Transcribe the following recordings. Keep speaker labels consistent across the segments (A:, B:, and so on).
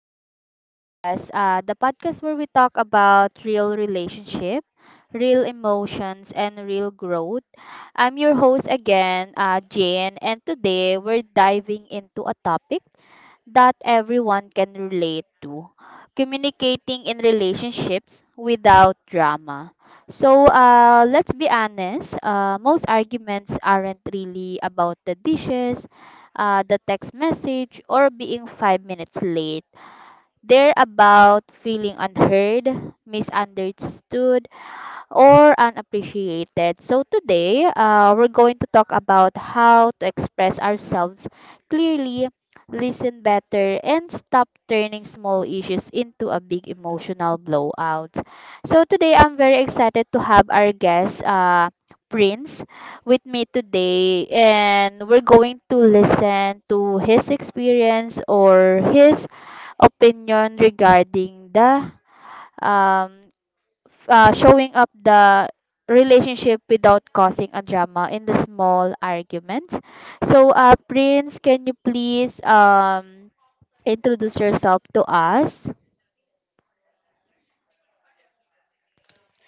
A: to our podcast. The podcast where we talk about real relationship, real emotions, and real growth. I'm your host again, Jane, and today we're diving into a topic that everyone can relate to: communicating in relationships without drama. So let's be honest, most arguments aren't really about the dishes, the text message, or being 5 minutes late. They're about feeling unheard, misunderstood, or unappreciated. So today, we're going to talk about how to express ourselves clearly, listen better, and stop turning small issues into a big emotional blowout. So today, I'm very excited to have our guest, Prince, with me today, and we're going to listen to his experience or his opinion regarding the um, showing up the relationship without causing a drama in the small arguments. So, Prince, can you please introduce yourself to us?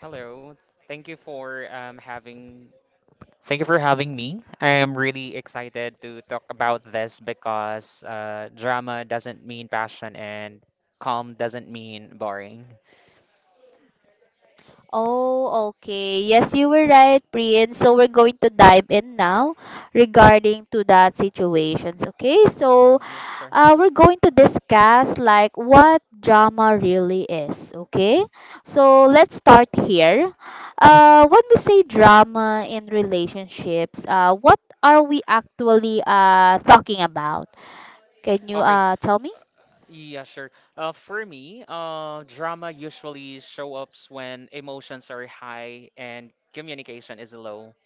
B: Hello. Thank you for um, having thank you for having me. I am really excited to talk about this because drama doesn't mean passion and calm doesn't mean boring.
A: Oh, okay. Yes, you were right, Priyan. So we're going to dive in now regarding to that situations. Okay, so
B: Yeah, sure.
A: we're going to discuss like what drama really is. Okay, so let's start here. When we say drama in relationships, what are we actually talking about? Can you
B: Okay.
A: tell me?
B: Yeah, sure. For me, drama usually show up when emotions are high and communication is low.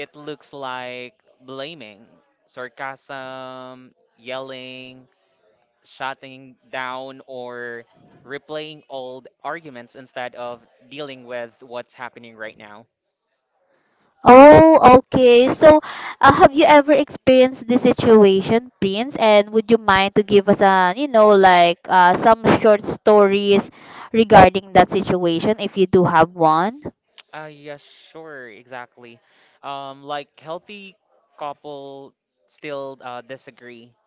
B: It looks like blaming, sarcasm, yelling, shutting down or replaying old arguments instead of dealing with what's happening right now.
A: Oh, okay. So, have you ever experienced this situation, Prince? And would you mind to give us a, you know, like some short stories regarding that situation if you do have one?
B: Yeah, sure, exactly. Like healthy couple still disagree.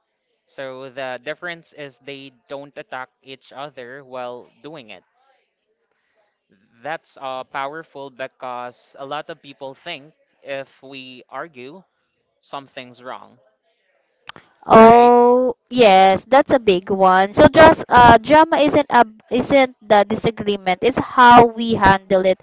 B: So the difference is they don't attack each other while doing it. That's powerful because a lot of people think if we argue, something's wrong, right?
A: Oh, yes, that's a big one. So, just drama isn't the disagreement. It's how we handle it.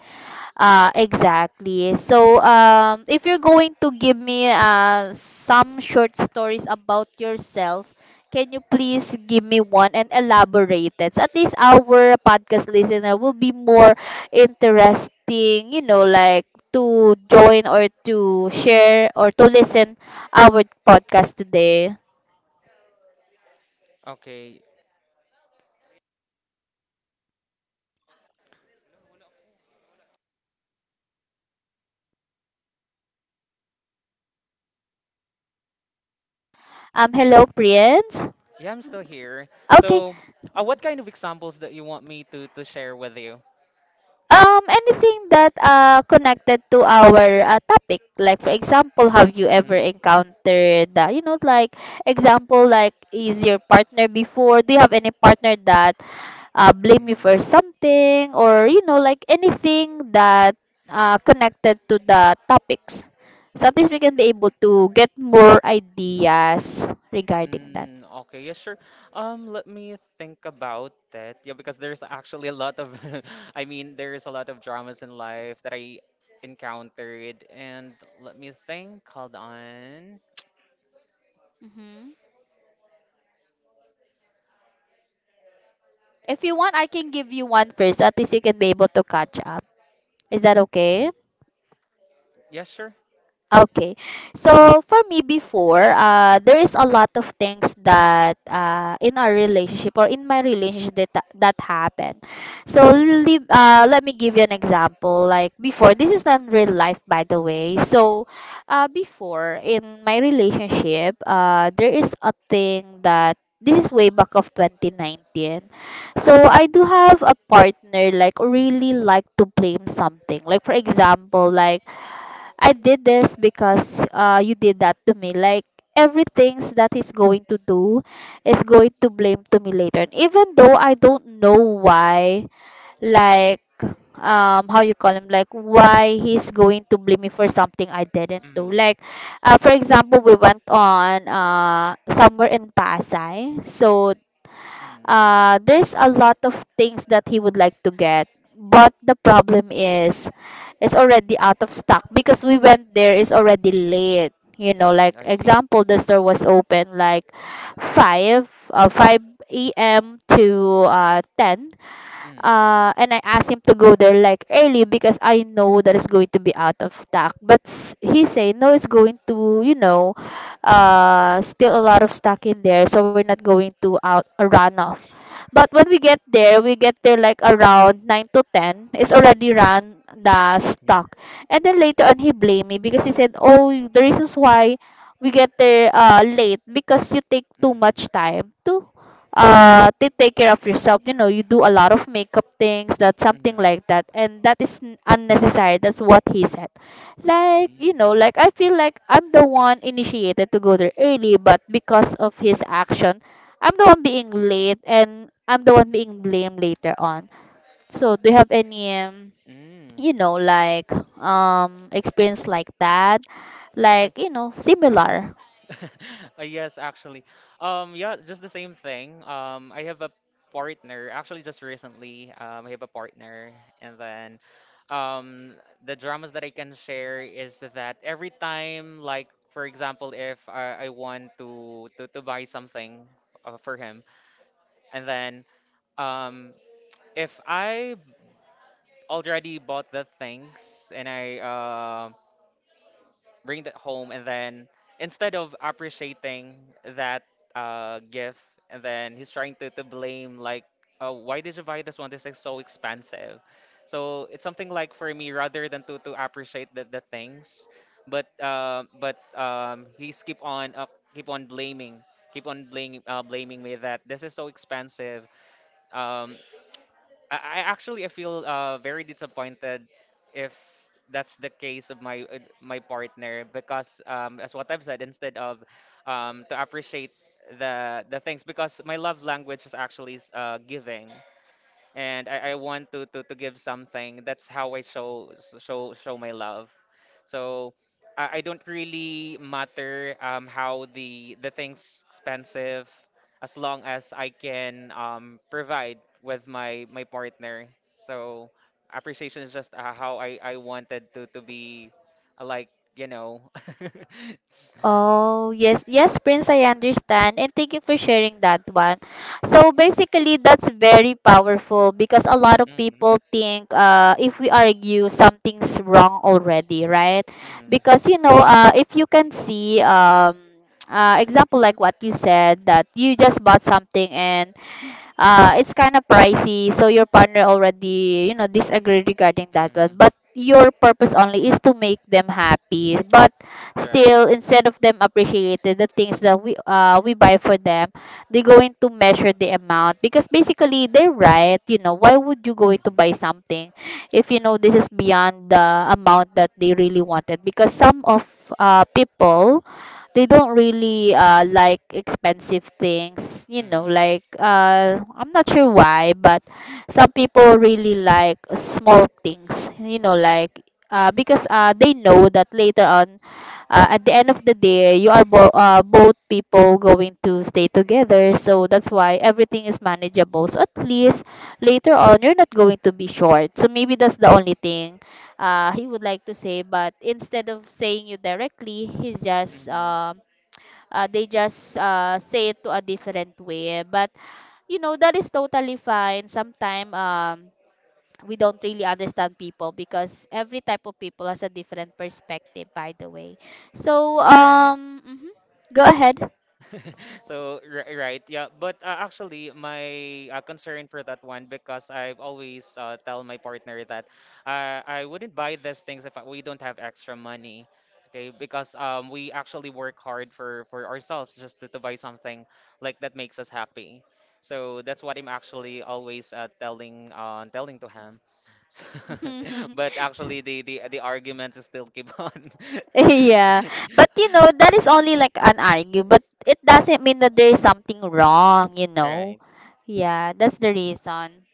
A: Exactly. So, if you're going to give me some short stories about yourself, can you please give me one and elaborate it? So at least our podcast listener will be more interesting, you know, like to join or to share or to listen our podcast today.
B: Okay.
A: Hello, friends.
B: Yeah, I'm still here.
A: Okay.
B: So, what kind of examples that you want me to share with you?
A: Anything that connected to our topic, like for example, have you ever
B: Mm-hmm.
A: encountered that? You know, like example, like is your partner before? Do you have any partner that blame you for
B: Mm-hmm.
A: something, or you know, like anything that connected to the topics? So at least we can be able to get more ideas regarding that.
B: Okay, yeah, sure. Let me think about that. Yeah, because there's actually a lot of, I mean, there's a lot of dramas in life that I encountered, and let me think. Hold on.
A: Hmm. If you want, I can give you one first. At least you can be able to catch up. Is that okay?
B: Yeah, sure.
A: Okay. So for me before, there is a lot of things that in our relationship or in my relationship that happened. So
B: Mm,
A: let me give you an example. Like before, this is not real life, by the way. So before in my relationship, there is a thing that this is way back of 2019. So I do
B: mm,
A: have a partner like really like to blame something. Like for example, like I did this because you did that to me. Like everything's that he's going to do is going to blame to me later. And even though I don't know why, like how you call him, like why he's going to blame me for something I didn't do.
B: mm,
A: Like for example, we went on somewhere in Pasay, so
B: mm,
A: there's a lot of things that he would like to get, but the problem is it's already out of stock because we went there. It's already
B: mm.
A: late. You know, like
B: I see.
A: example, the store was open like five a.m. to 10 a.m.
B: Mm,
A: And I asked him to go there like early because I know that it's going to be out of stock. But he said no, it's going to, you know,
B: mm,
A: still a lot of stock in there, so we're not going to out a run off. But when we get there like around 9 to 10. It's already run the
B: mm,
A: stock. And then later on, he blamed me because he said, oh, the reasons why we get there late because you take too
B: mm,
A: much time to take care of yourself, you know, you do a lot of makeup things that something
B: mm,
A: like that, and that is unnecessary. That's what he said. Like, you
B: mm.
A: know, like I feel like I'm the one initiated to go there early, but because of his action, I'm the one being late and I'm the one being blamed later on. So do you have any you know, like experience like that, like
B: Mm.
A: you know, similar?
B: Yes, actually. Yeah, just the same thing. I have a partner, actually just recently, I have a partner, and then um, the dramas that I can share is that every time, like for example, if I want to buy something for him, and then um, if I already bought the things and I bring that home and then instead of appreciating that gift and then he's trying to blame like, oh, why did you buy this one, this is so expensive. So it's something like, for me, rather than to appreciate the things, but he's keep on up keep on blaming blaming me that this is so expensive. um I actually I feel very disappointed if that's the case of my my partner, because as what I've said, instead of to appreciate the things, because my love language is actually giving, and I want to give something. That's how I show show my love. So I don't really matter how the things expensive as long as I can provide with my my partner. So appreciation is just how I wanted to be like you know.
A: Oh, yes, yes, Prince, I understand. And thank you for sharing that one. So basically, that's very powerful because a lot of people
B: hmm
A: think, if we argue, something's wrong already, right?
B: hmm
A: Because, you know, if you can see, example like what you said, that you just bought something and it's kind of pricey, so your partner already, you know, disagree regarding that one,
B: hmm
A: but your purpose only is to make them happy. But
B: Right.
A: still, instead of them appreciating the things that we buy for them, they're going to measure the amount. Because basically they're right, you know, why would you going to buy
B: hmm
A: something if you know this is beyond the amount that they really wanted? Because some of people, they don't really like expensive things, you know,
B: hmm
A: like I'm not sure why, but some people really like small things, you know, like because they know that later on, at the end of the day, you are both people going to stay together. So that's why everything is manageable, so at least later on you're not going to be short. So maybe that's the only thing he would like to say, but instead of saying you directly, he's just
B: hmm
A: they just say it to a different way. But you know that is totally fine. Sometimes we don't really understand people because every type of people has a different perspective. By the way, so
B: Right.
A: mhm, go ahead.
B: So, right, yeah. But actually, my concern for that one, because I've always tell my partner that I wouldn't buy these things if we don't have extra money. Okay, because we actually work hard for ourselves just to buy something like that makes us happy. So that's what I'm actually always telling to him. So, but actually, the arguments still keep on.
A: Yeah, but you know that is only like an argue, but it doesn't mean that there is something wrong, you know.
B: Right.
A: Yeah, that's the reason.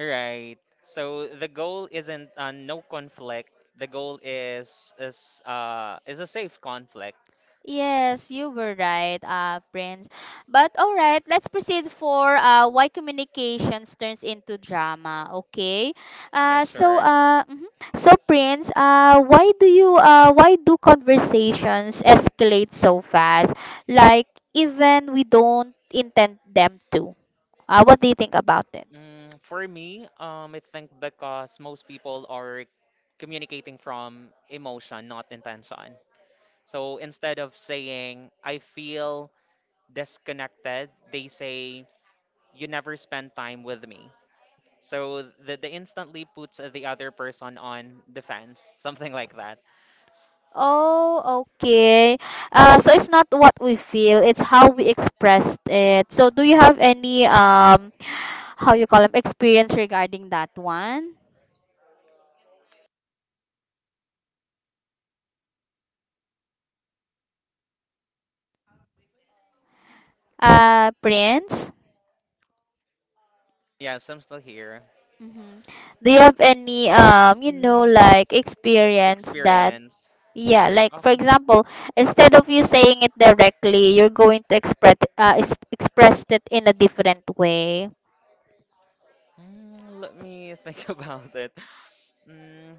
B: Right. So the goal isn't no conflict. The goal is a safe conflict.
A: Yes, you were right, Prince. But all right, let's proceed for why communications turns into drama. Okay.
B: Yeah, sure.
A: Mhm. So Prince, why do conversations escalate so fast? Like even we don't intend them to. What do you think about it?
B: For me, I think because most people are communicating from emotion, not intention. So instead of saying I feel disconnected, they say you never spend time with me. So the instantly puts the other person on defense, something like that. S-
A: Oh, okay. So it's not what we feel, it's how we expressed it. So do you have any how you call them experience regarding that one? Prince?
B: Yes, I'm still here.
A: Mm-hmm. Do you have any you know,
B: Mm,
A: like experience that,
B: Experience.
A: yeah, like for
B: Okay.
A: example, instead of you saying it directly, you're going to express is express it in a different way.
B: Let me think about it. Mm,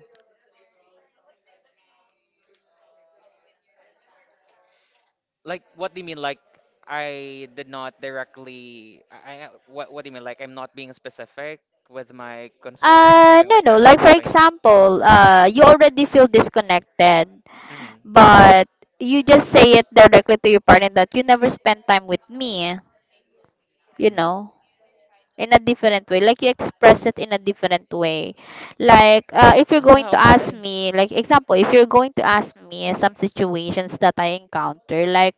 B: like what do you mean? Like I did not directly. What do you mean? Like I'm not being specific with my concern,
A: Uh,
B: something
A: no,
B: like
A: no.
B: that, or
A: Like for
B: complaint.
A: example, you already feel disconnected,
B: Mm,
A: but you just say it directly to your partner that you never spend time with me, you
B: mm.
A: know, in a different way. Like you express it in a different way. Like if you're going
B: Ah,
A: to ask
B: okay.
A: me, like example if you're going to ask me some situations that I encounter, like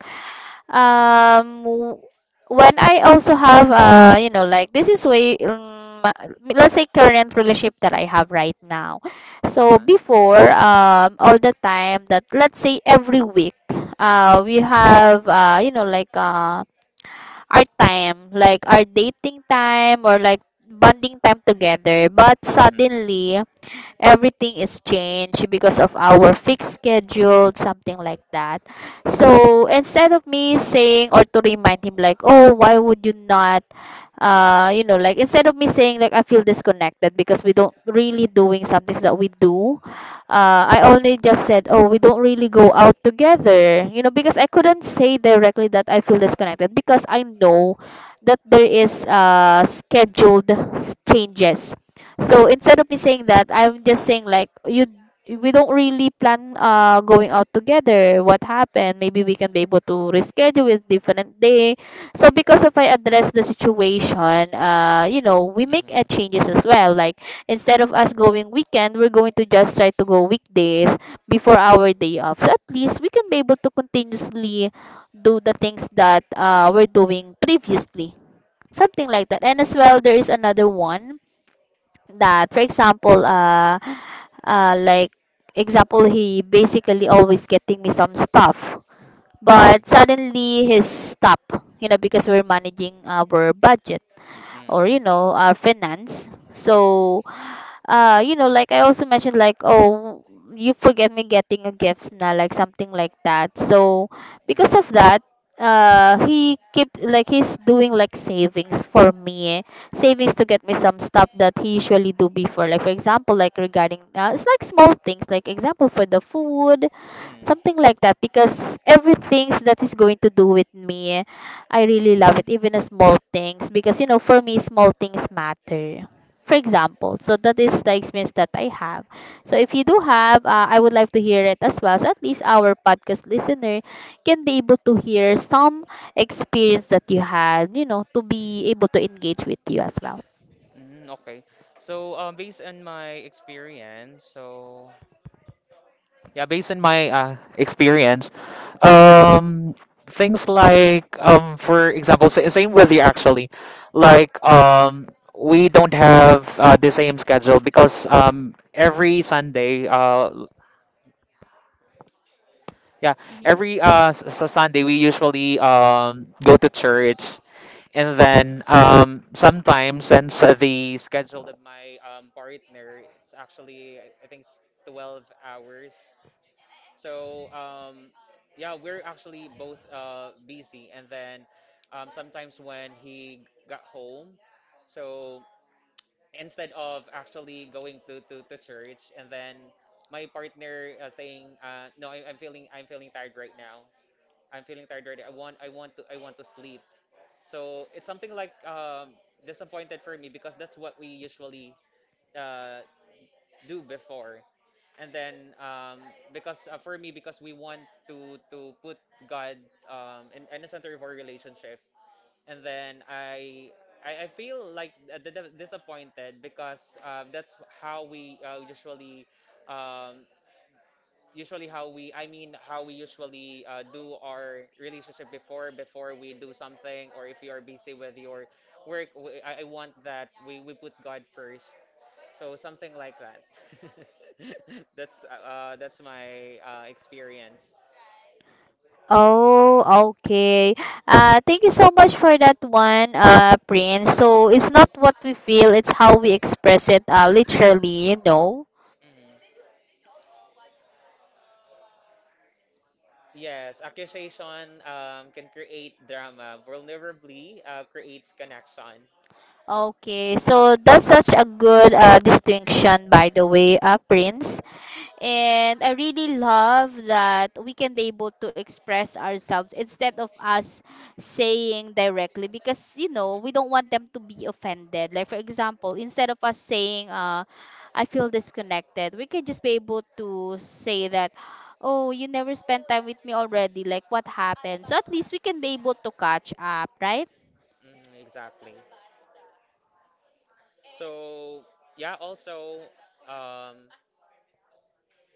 B: Mm,
A: um w- when I also have, you know, like this is way let's say current relationship that I have right now. So
B: ah,
A: before, all the time, that let's say every week we have, our time, like our dating time or like bonding time together, but
B: mm,
A: suddenly everything is changed because of our fixed schedule, something like that. So instead of me saying or to remind him like, oh, why would you not? You know, like instead of me saying like I feel disconnected because we don't really doing something that we do, I only just said, oh, we don't really go out together, you know, because I couldn't say directly that I feel disconnected because I know that there is scheduled changes. So instead of me saying that, I'm just saying like you we don't really plan going out together. What happened? Maybe we can be able to reschedule with different day. So because if I address the situation, you know, we make
B: mm,
A: changes as well. Like instead of us going weekend, we're going to just try to go weekdays before our day off. So at least we can be able to continuously do the things that we're doing previously. Something like that. And as well, there is another one that for example, uh like example he basically always getting me some stuff,
B: mm,
A: but suddenly he's stopped, you know, because we're managing our budget or
B: mm,
A: you know our finance. So you know, like I also mentioned like, oh, you forget me getting a gift now, like something like that. So because
B: mm,
A: of that, he keep like he's doing like savings for me, eh. Savings to get me some stuff that he usually do before, like for example, like regarding it's like small things, like example for the food.
B: mm,
A: Something like that, because everything that is going to do with me, I really love it, even the small things, because you know, for me small things matter. For example, so that is the experience that I have. So if you do have I would like to hear it as well, so at least our podcast listener can be able to hear some experience that you had, you know, to be able to engage with you as well.
B: mm, okay. So, based on my experience, so yeah, based on my experience, um, things like, for example, same with you actually, like we don't have the same schedule because every Sunday, yeah,
A: Mm-hmm.
B: every Sunday we usually go to church, and then sometimes since the schedule of my partner, it's actually I think it's 12 hours. So yeah, we're actually both busy, and then sometimes when he got home, so instead of actually going to church, and then my partner saying, "No, I'm feeling tired right now. I'm feeling tired right now. I want to sleep." So it's something like disappointed for me because that's what we usually uh, do before. And then because for me, because we want to put God in the center of our relationship, and then I feel like disappointed because that's how we usually um, how we usually do our relationship before before we do something or if you are busy with your work I want that we put God first, so something like that. That's my experience.
A: Oh, okay. Thank you so much for that one, Prince. So it's not what we feel, it's how we express it, literally, you know.
B: Mhm. Yes, accusation can create drama. Vulnerably creates connection.
A: Okay, so that's such a good distinction, by the way, Prince. And I really love that we can be able to express ourselves instead of us saying directly, because you know we don't want them to be offended. Like for example, instead of us saying I feel disconnected, we can just be able to say that, oh, you never spent time with me already, like what happened? So at least we can be able to catch up, right?
B: Mhm, exactly. So yeah, also um,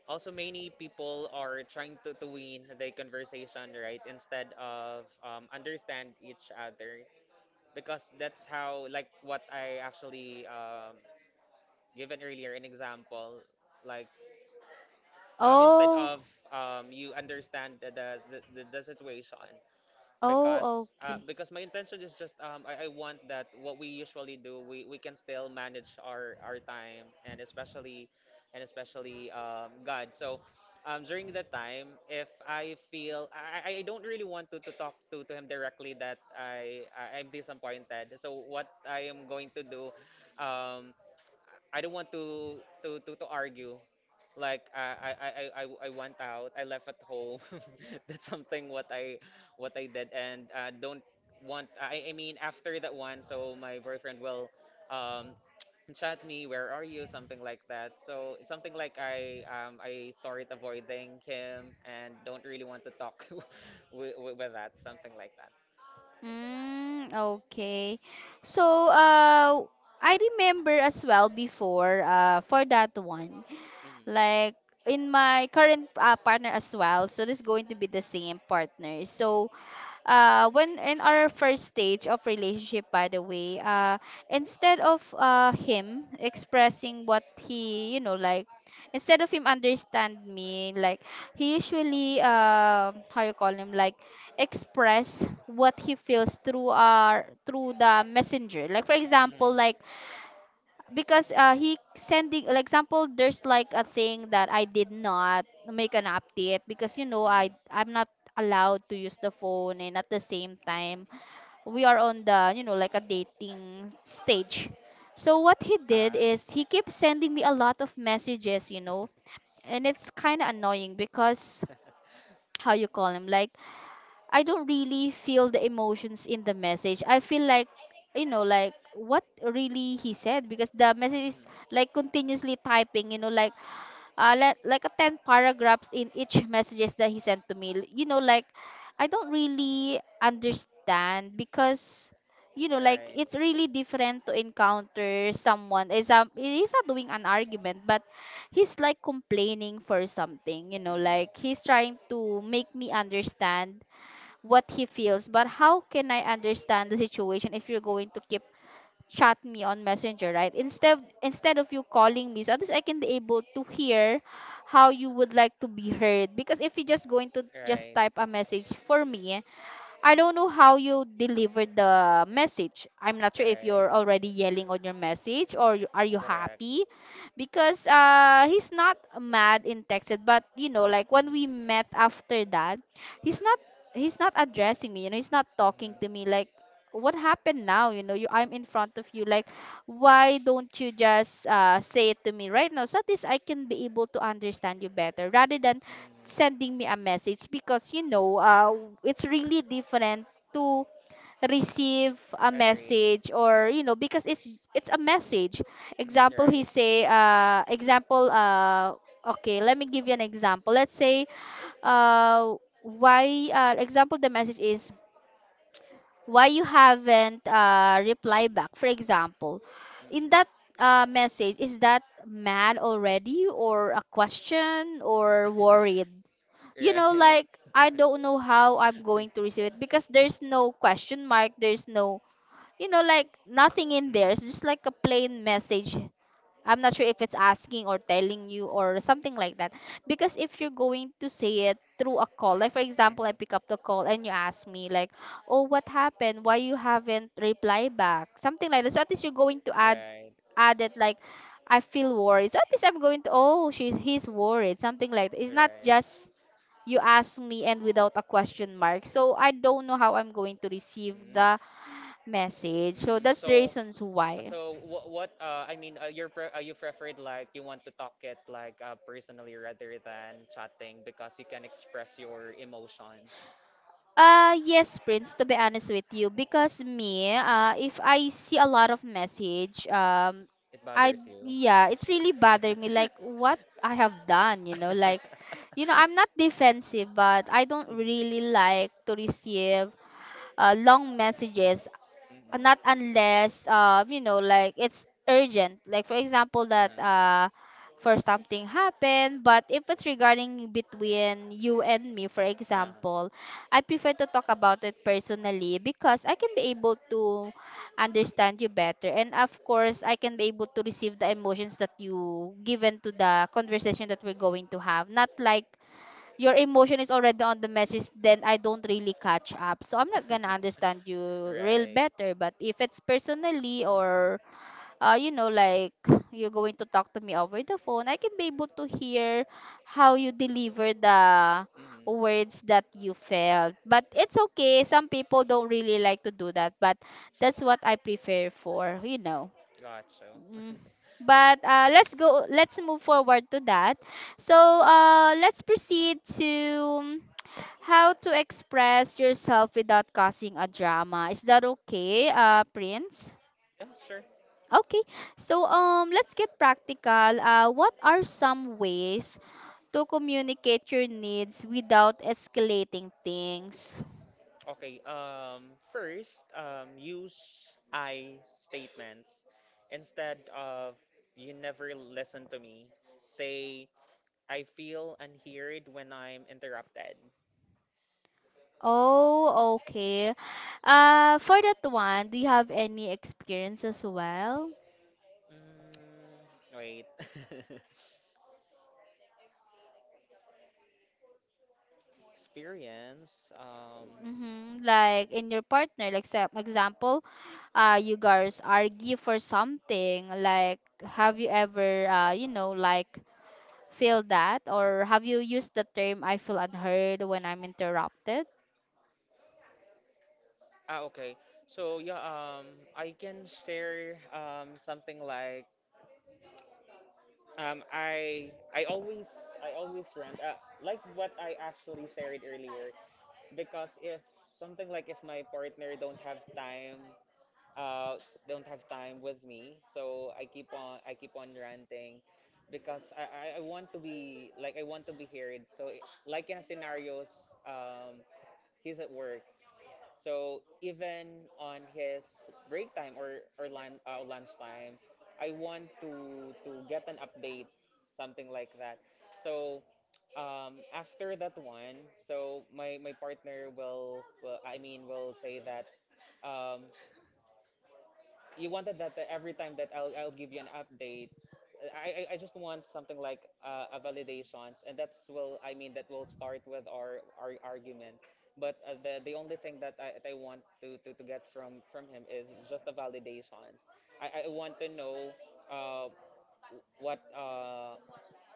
B: also many people are trying to win the conversation, right? Instead of understand each other, because that's how like what I actually given earlier an example, like instead
A: Oh.
B: of you understand the situation,
A: Oh, okay.
B: because my intention is just I want that what we usually do we can still manage our time, and especially God. So during the time if I feel I don't really want to talk to him directly that I'm disappointed, so what I am going to do um, I don't want to argue. Like, I went out. I left at home. That's something what I did, and don't want. I mean after that one, so my boyfriend will um chat me. Where are you? Something like that. So it's something like I started avoiding him and don't really want to talk with that. Something like that.
A: Mm, okay. So, uh, I remember as well before, for that one,
B: Mhm.
A: like in my current partner as well. So this going to be the same partner. So when in our first stage of relationship, by the way, instead of him expressing what he, you know, like, instead of him understand me, like, he usually, how you call him, like, express what he feels through our, through the messenger, like for
B: Mhm.
A: example, like, because he sending, like example there's like a thing that I did not make an update, because you know
B: Mhm.
A: I'm not allowed to use the phone, and at the same time we are on the, you know, like a dating stage. So what he
B: Ah.
A: did is he keeps sending me a lot of messages, you know, and it's kind of annoying because, how you call him, like, I don't really feel the emotions in the message. I feel like, you know, like what really he said, because the message is
B: Mhm.
A: like continuously typing, you know, like like a 10 paragraphs in each messages that he sent to me. L- You know, like, I don't really understand, because you know like
B: Right.
A: it's really different to encounter someone is, um, he's not doing an argument but he's like complaining for something, you know, like
B: Mm.
A: he's trying to make me understand what he feels. But how can I understand the situation if you're going to keep chat me on Messenger, right? Instead of you calling me, so at least I can be able to hear how you would like to be heard. Because if you're just going to
B: Right,
A: just type a message for me, I don't know how you delivered the message. I'm not sure if
B: right,
A: you're already yelling on your message, or you- are you
B: correct.
A: happy, because he's not mad in texted, but you know like when we
B: Mm-hmm,
A: met after that, he's not, he's not addressing me. You know, he's not talking to
B: mm-hmm,
A: me like, what happened now? You know, you, I'm in front of you, like, why don't you just say it to me right now, so at least I can be able to understand you better rather than
B: mm,
A: sending me a message, because you know it's really different to receive a
B: agree.
A: message, or you know, because it's a message. Example,
B: Right.
A: he say, uh, example, uh, okay, let me give you an example. Let's say uh why, uh, example, the message is, why you haven't reply back, for example.
B: Mm.
A: In that message, is that mad already, or a question, or worried? You know,
B: Right.
A: like, I don't know how I'm going to receive it, because there's no question mark, there's no, you know, like nothing in
B: Mm-hmm,
A: there. It's just like a plain message. I'm not sure if it's asking or telling you or something like that. Because if you're going to say it through a call, like for example I
B: mm-hmm,
A: pick up the call and you ask me like, oh what happened, why you haven't replied back, something like that. So at least you're going to add,
B: right,
A: add it like, I feel worried, so at least I'm going to, oh she's, he's worried, something like that. It's not
B: right.
A: just, you ask me and without a question mark. So I don't know how I'm going to receive
B: Mm,
A: the message. So
B: mm,
A: that's the
B: so,
A: reasons why.
B: so, I mean, you're pre you preferred like you want to talk it like personally rather than chatting because you can express your emotions.
A: Yes, Prince, to be honest with you, because
B: Mhm.
A: me, if I see a lot of message, um,
B: It
A: I,
B: bothers you.
A: yeah, it's really bother me, like what I have done, you know, like, you know, I'm not defensive, but I don't
B: Mhm,
A: really like to receive long messages. Not
B: mhm.
A: unless, um, you know like it's urgent, like for example that
B: Mm.
A: for something happened. But if it's regarding between you and me, for
B: Ah,
A: example, I prefer to talk about it personally, because I can be able to understand you better, and of course I can be able to receive the emotions that you given to the conversation that we're going to have. Not like your emotion is already on the message, then I don't really catch up, so I'm not gonna understand you real
B: right.
A: better. But if it's personally, or you know, like, you're going to talk to me over the phone, I can be able to hear how you deliver the
B: Mm,
A: words that you felt. But it's okay, some people don't really like to do that, but that's what I prefer for, you know.
B: gotcha.
A: Mm. But let's go. Let's move forward to that. So let's proceed to how to express yourself without causing a drama. Is that okay, Prince?
B: Yeah, sure.
A: Okay. So, let's get practical. What are some ways to communicate your needs without escalating things?
B: Okay, first, use I statements. Instead of you never listen to me, say I feel unheard when I'm interrupted.
A: Oh, okay. For that one, do you have any experience as well?
B: Wait. Experience.
A: Hmm. Like in your partner, like, sa- example, you guys argue for something. Like, have you ever, you know, like, feel that, or have you used the term "I feel unheard when I'm interrupted"?
B: Ah, okay. So yeah, I can share something like, Um, I I always I always rant like what I actually shared earlier, because if something like if my partner don't have time uh with me, so I keep on ranting because I want to be like I want to be heard, so like in a scenarios um he's at work, so even on his break time or lunchtime, I want to get an update, something like that. So after that one, so my partner will I mean will say that um, you wanted that every time that I'll give you an update. I just want something like a validations, and that will start with our argument. But the only thing that I want to get from him is just the validations. I want to know uh what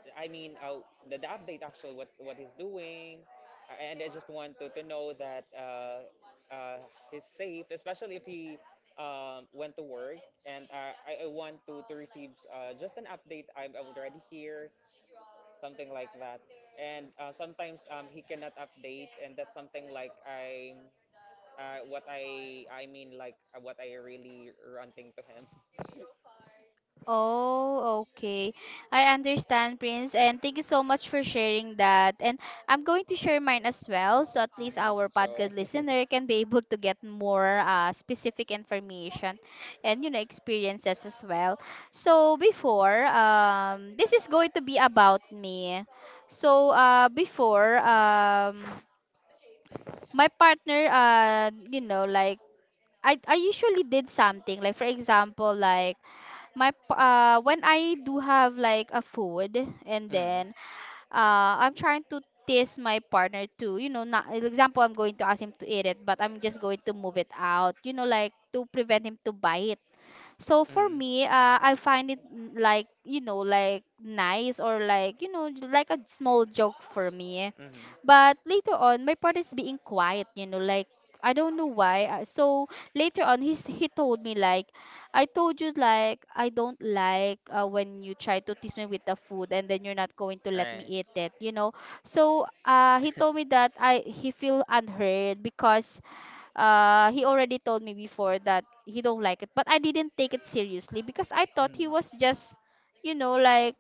B: I mean, the update actually what's what he's doing, and I just want to know that uh, he's safe, especially if he went to work. And I want to receive just an update. I'm already here, something like that. And sometimes he cannot update, and that's something like I what what I really ranting to him.
A: Oh, okay. I understand, Prince. And thank you so much for sharing that. And I'm going to share mine as well, so at least our
B: So.
A: podcast listener can be able to get more specific information, and you know experiences as well. So before, this is going to be about me. So before, my partner, you know, like, I usually did something, like for example, like, my when I do have like a food, and
B: Mm,
A: then I'm trying to tease my partner to, you know, not example I'm going to ask him to eat it, but I'm just going to move it out, you know, like to prevent him to buy it. So for
B: mm,
A: me, I find it, mm, like, you know, like nice, or like, you know, like a small joke for me.
B: mm,
A: But later on, my part is being quiet. You know, like, I don't know why. So later on, he's, he told me like, I told you, like I don't like, when you try to tease me with the food and then you're not going to let me
B: right.
A: eat it. You know. So he told me that I, he feel unheard, because he already told me before that he don't like it, but I didn't take it seriously because I thought he
B: Mm.
A: was just, you know, like,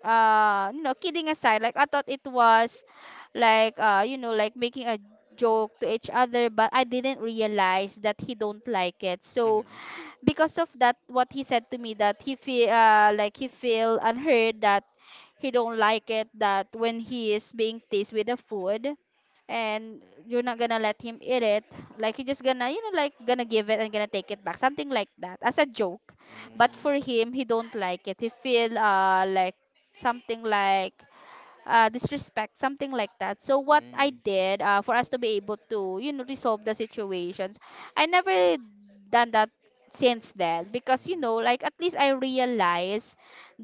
A: you know, kidding aside, like I thought it was like, you know, like making a joke to each other. But I didn't realize that he don't like it. So because of that, what he said to me, that he feel like, he feel unheard, that he don't like it, that when he is being teased with the food, and you're not gonna let him eat it, like he just gonna, you know, like gonna give it and gonna take it back, something like that as a joke.
B: Mm,
A: But for him he don't like it, he feel like something like disrespect, something like that. So what I
B: mm,
A: did for us to be able to, resolve the situations, I never done that since then because
B: mhm,
A: like at least I realize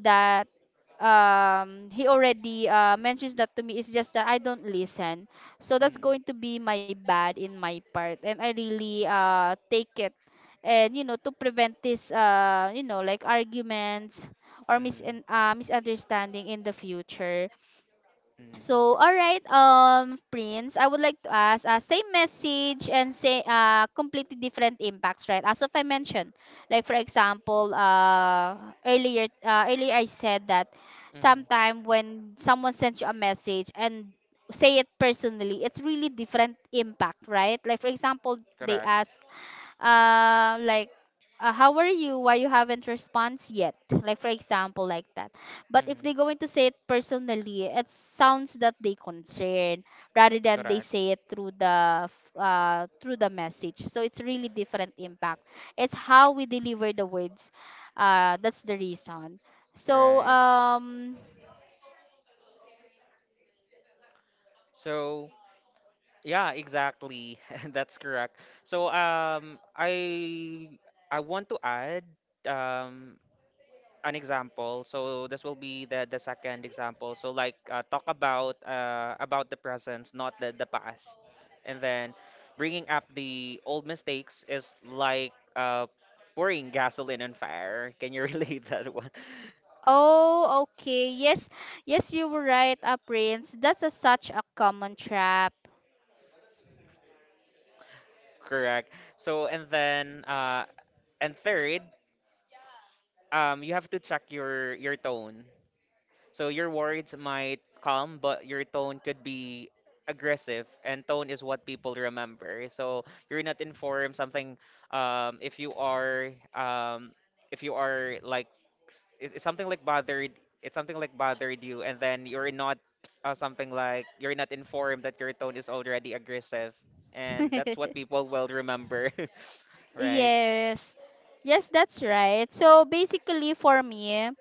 A: that he already mentions that to me. It's just that I don't listen,
B: mm,
A: so
B: Hmm.
A: that's going to be my bad in my part and I really take it. And you know, to prevent this like arguments or misunderstanding in the future.
B: mm,
A: So, all right, Prince, I would like to ask, same message and say, completely different impacts, right? As of I mentioned, like for example, earlier I said that
B: mhm.
A: sometime when someone sends you a message and say it personally, it's really different impact, right? Like for example,
B: Correct.
A: they ask, uh, like how are you, why you haven't response yet, like for example like that. But if
B: hmm
A: they going to say it personally, it sounds that they concern rather than
B: Correct.
A: they say it through the through the message. So it's really different impact. It's how we deliver the words. That's the reason.
B: Right.
A: so um
B: So yeah, exactly. That's correct. So I want to add um, an example. So this will be the second example. So like, talk about the presence, not the past. And then bringing up the old mistakes is like pouring gasoline on fire. Can you relate that one?
A: oh, okay, yes. Yes, you were right, Prince. That's a, such a common trap.
B: Correct. So and then and third, you have to check your tone. So your words might calm, but your tone could be aggressive, and tone is what people remember. So you're not informed something. Um, if you are, um, if you are like, it's something like bothered. It's something like bothered you, and then you're not something like you're not informed that your tone is already aggressive, and that's what people will remember, right?
A: Yes. Yes, that's right. So basically for me,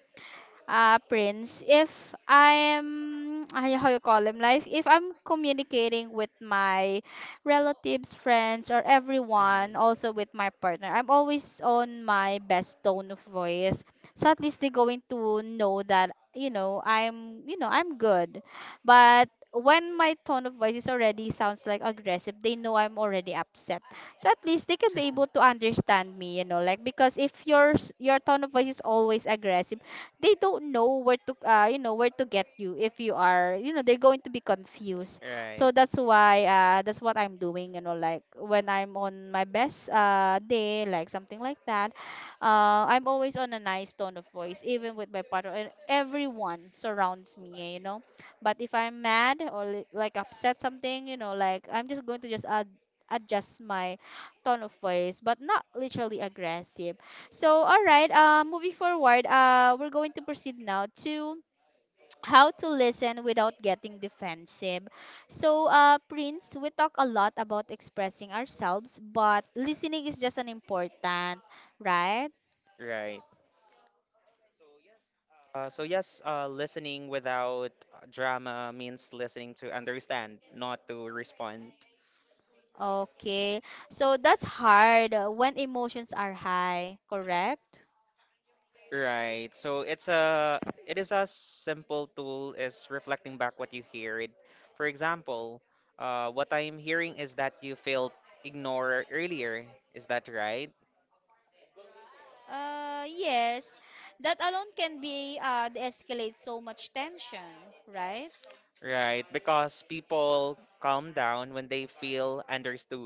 A: Prince, if I'm how you call him, like if I'm communicating with my relatives, friends, or
B: hmm
A: everyone, also with my partner, I'm always on my best tone of voice. So at least they're going to know that I'm I'm good. But when my tone of voice is already sounds like aggressive, they know I'm already upset. So at least they can be able to understand me, you know, like because if your your tone of voice is always aggressive, they don't know where to you know, where to get you. If you are, you know, they're going to be confused.
B: Right,
A: So that's why that's what I'm doing, you know, like when I'm on my best day, like something like that. I'm always on a nice tone of voice, even with my partner and everyone surrounds me, you know. But if I'm mad or like upset something, you know, like I'm just going to just add adjust my tone of voice but not literally aggressive. So, all right, moving forward, we're going to proceed now to how to listen without getting defensive. So, Prince, we talk a lot about expressing ourselves, but listening is just an important, right?
B: right. So yes, listening without drama means listening to understand, not to respond.
A: Okay, so that's hard when emotions are high, correct?
B: Right. So it is a simple tool is reflecting back what you heard. For example, what I'm hearing is that you felt ignored earlier. Is that right?
A: Yes, that alone can be de-escalate so much tension, right?
B: Right. Because people calm down when they feel understood.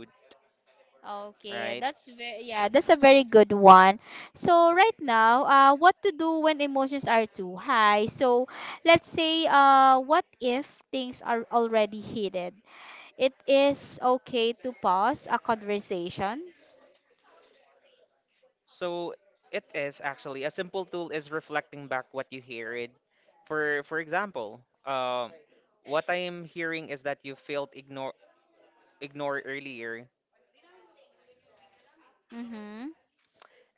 B: Right.
A: Okay, that's very, yeah, that's a very good one. So right now, what to do when emotions are too high? So let's say, what if things are already heated? It is okay to pause a conversation.
B: So it is actually a simple tool is reflecting back what you heard. For example, what I am hearing is that you failed ignore ignore earlier,
A: Mm-hmm.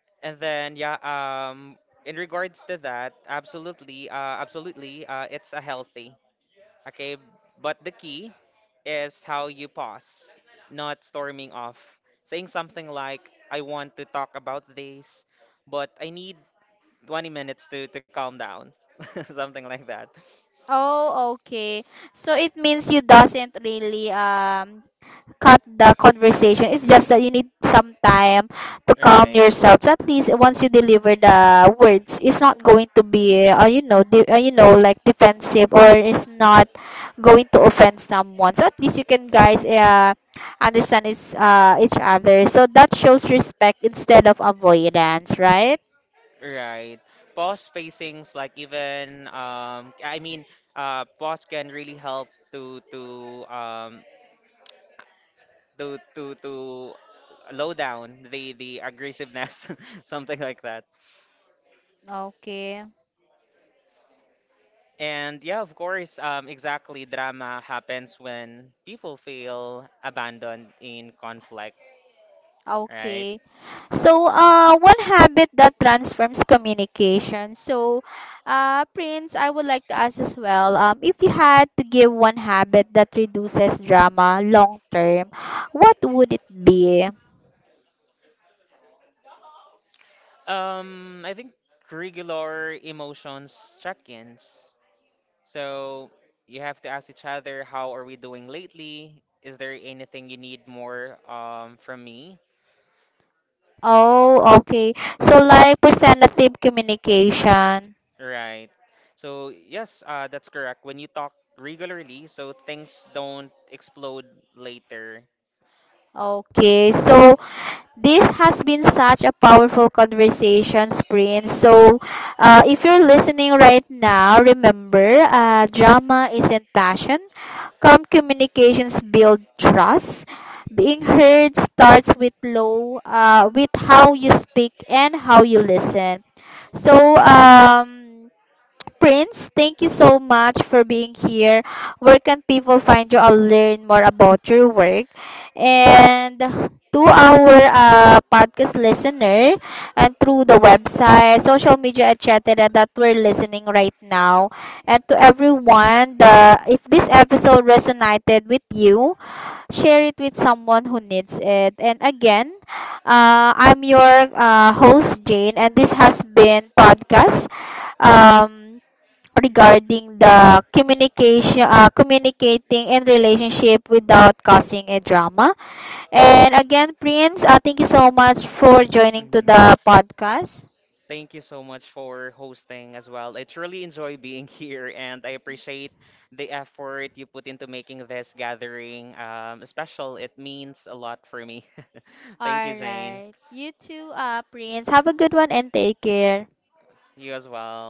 B: and then yeah, in regards to that, absolutely, absolutely, it's a healthy. Okay, but the key is how you pause, not storming off, saying something like, "I want to talk about this, but I need 20 minutes to calm down," something like that.
A: Oh, okay. So it means you doesn't really cut the conversation. It's just that you need some time to
B: Right,
A: calm yourself. So at least once you deliver the words, it's not going to be, you know, like defensive, or it's not going to offend someone. So at least you can guys understand it's, each other. So that shows respect instead of avoidance, right?
B: right. Pause spacings, like even pause can really help to low down the aggressiveness, something like that.
A: Okay.
B: And yeah, of course, exactly. Drama happens when people feel abandoned in conflict, right?
A: Okay. So, one habit that transforms communication. So, Prince, I would like to ask as well, if you had to give one habit that reduces drama long term, what would it be?
B: I think regular emotions check-ins. So you have to ask each other, how are we doing lately? Is there anything you need more from me?
A: Oh, okay. So, like, presentative communication.
B: Right. So yes, that's correct. When you talk regularly, so things don't explode later.
A: Okay. So, this has been such a powerful conversation, Prince. So, if you're listening right now, remember drama isn't passion. Calm communications build trust. Being heard starts with with how you speak and how you listen. So, Prince, thank you so much for being here. Where can people find you or learn more about your work? And to our podcast listener and through the website, social media, etc. that we're listening right now. And to everyone, the, if this episode resonated with you, share it with someone who needs it. And again, I'm your host, Jane, and this has been Podcast. Um, Regarding the communication communicating in relationship without causing a drama. And again, Prince, thank you so much for joining
B: hmm
A: to the podcast.
B: Thank you so much for hosting as well. I truly enjoy being here, and I appreciate the effort you put into making this gathering special. It means a lot for me. Thank you,
A: All
B: Jane.
A: right, you too, Prince, have a good one and take care.
B: You as well.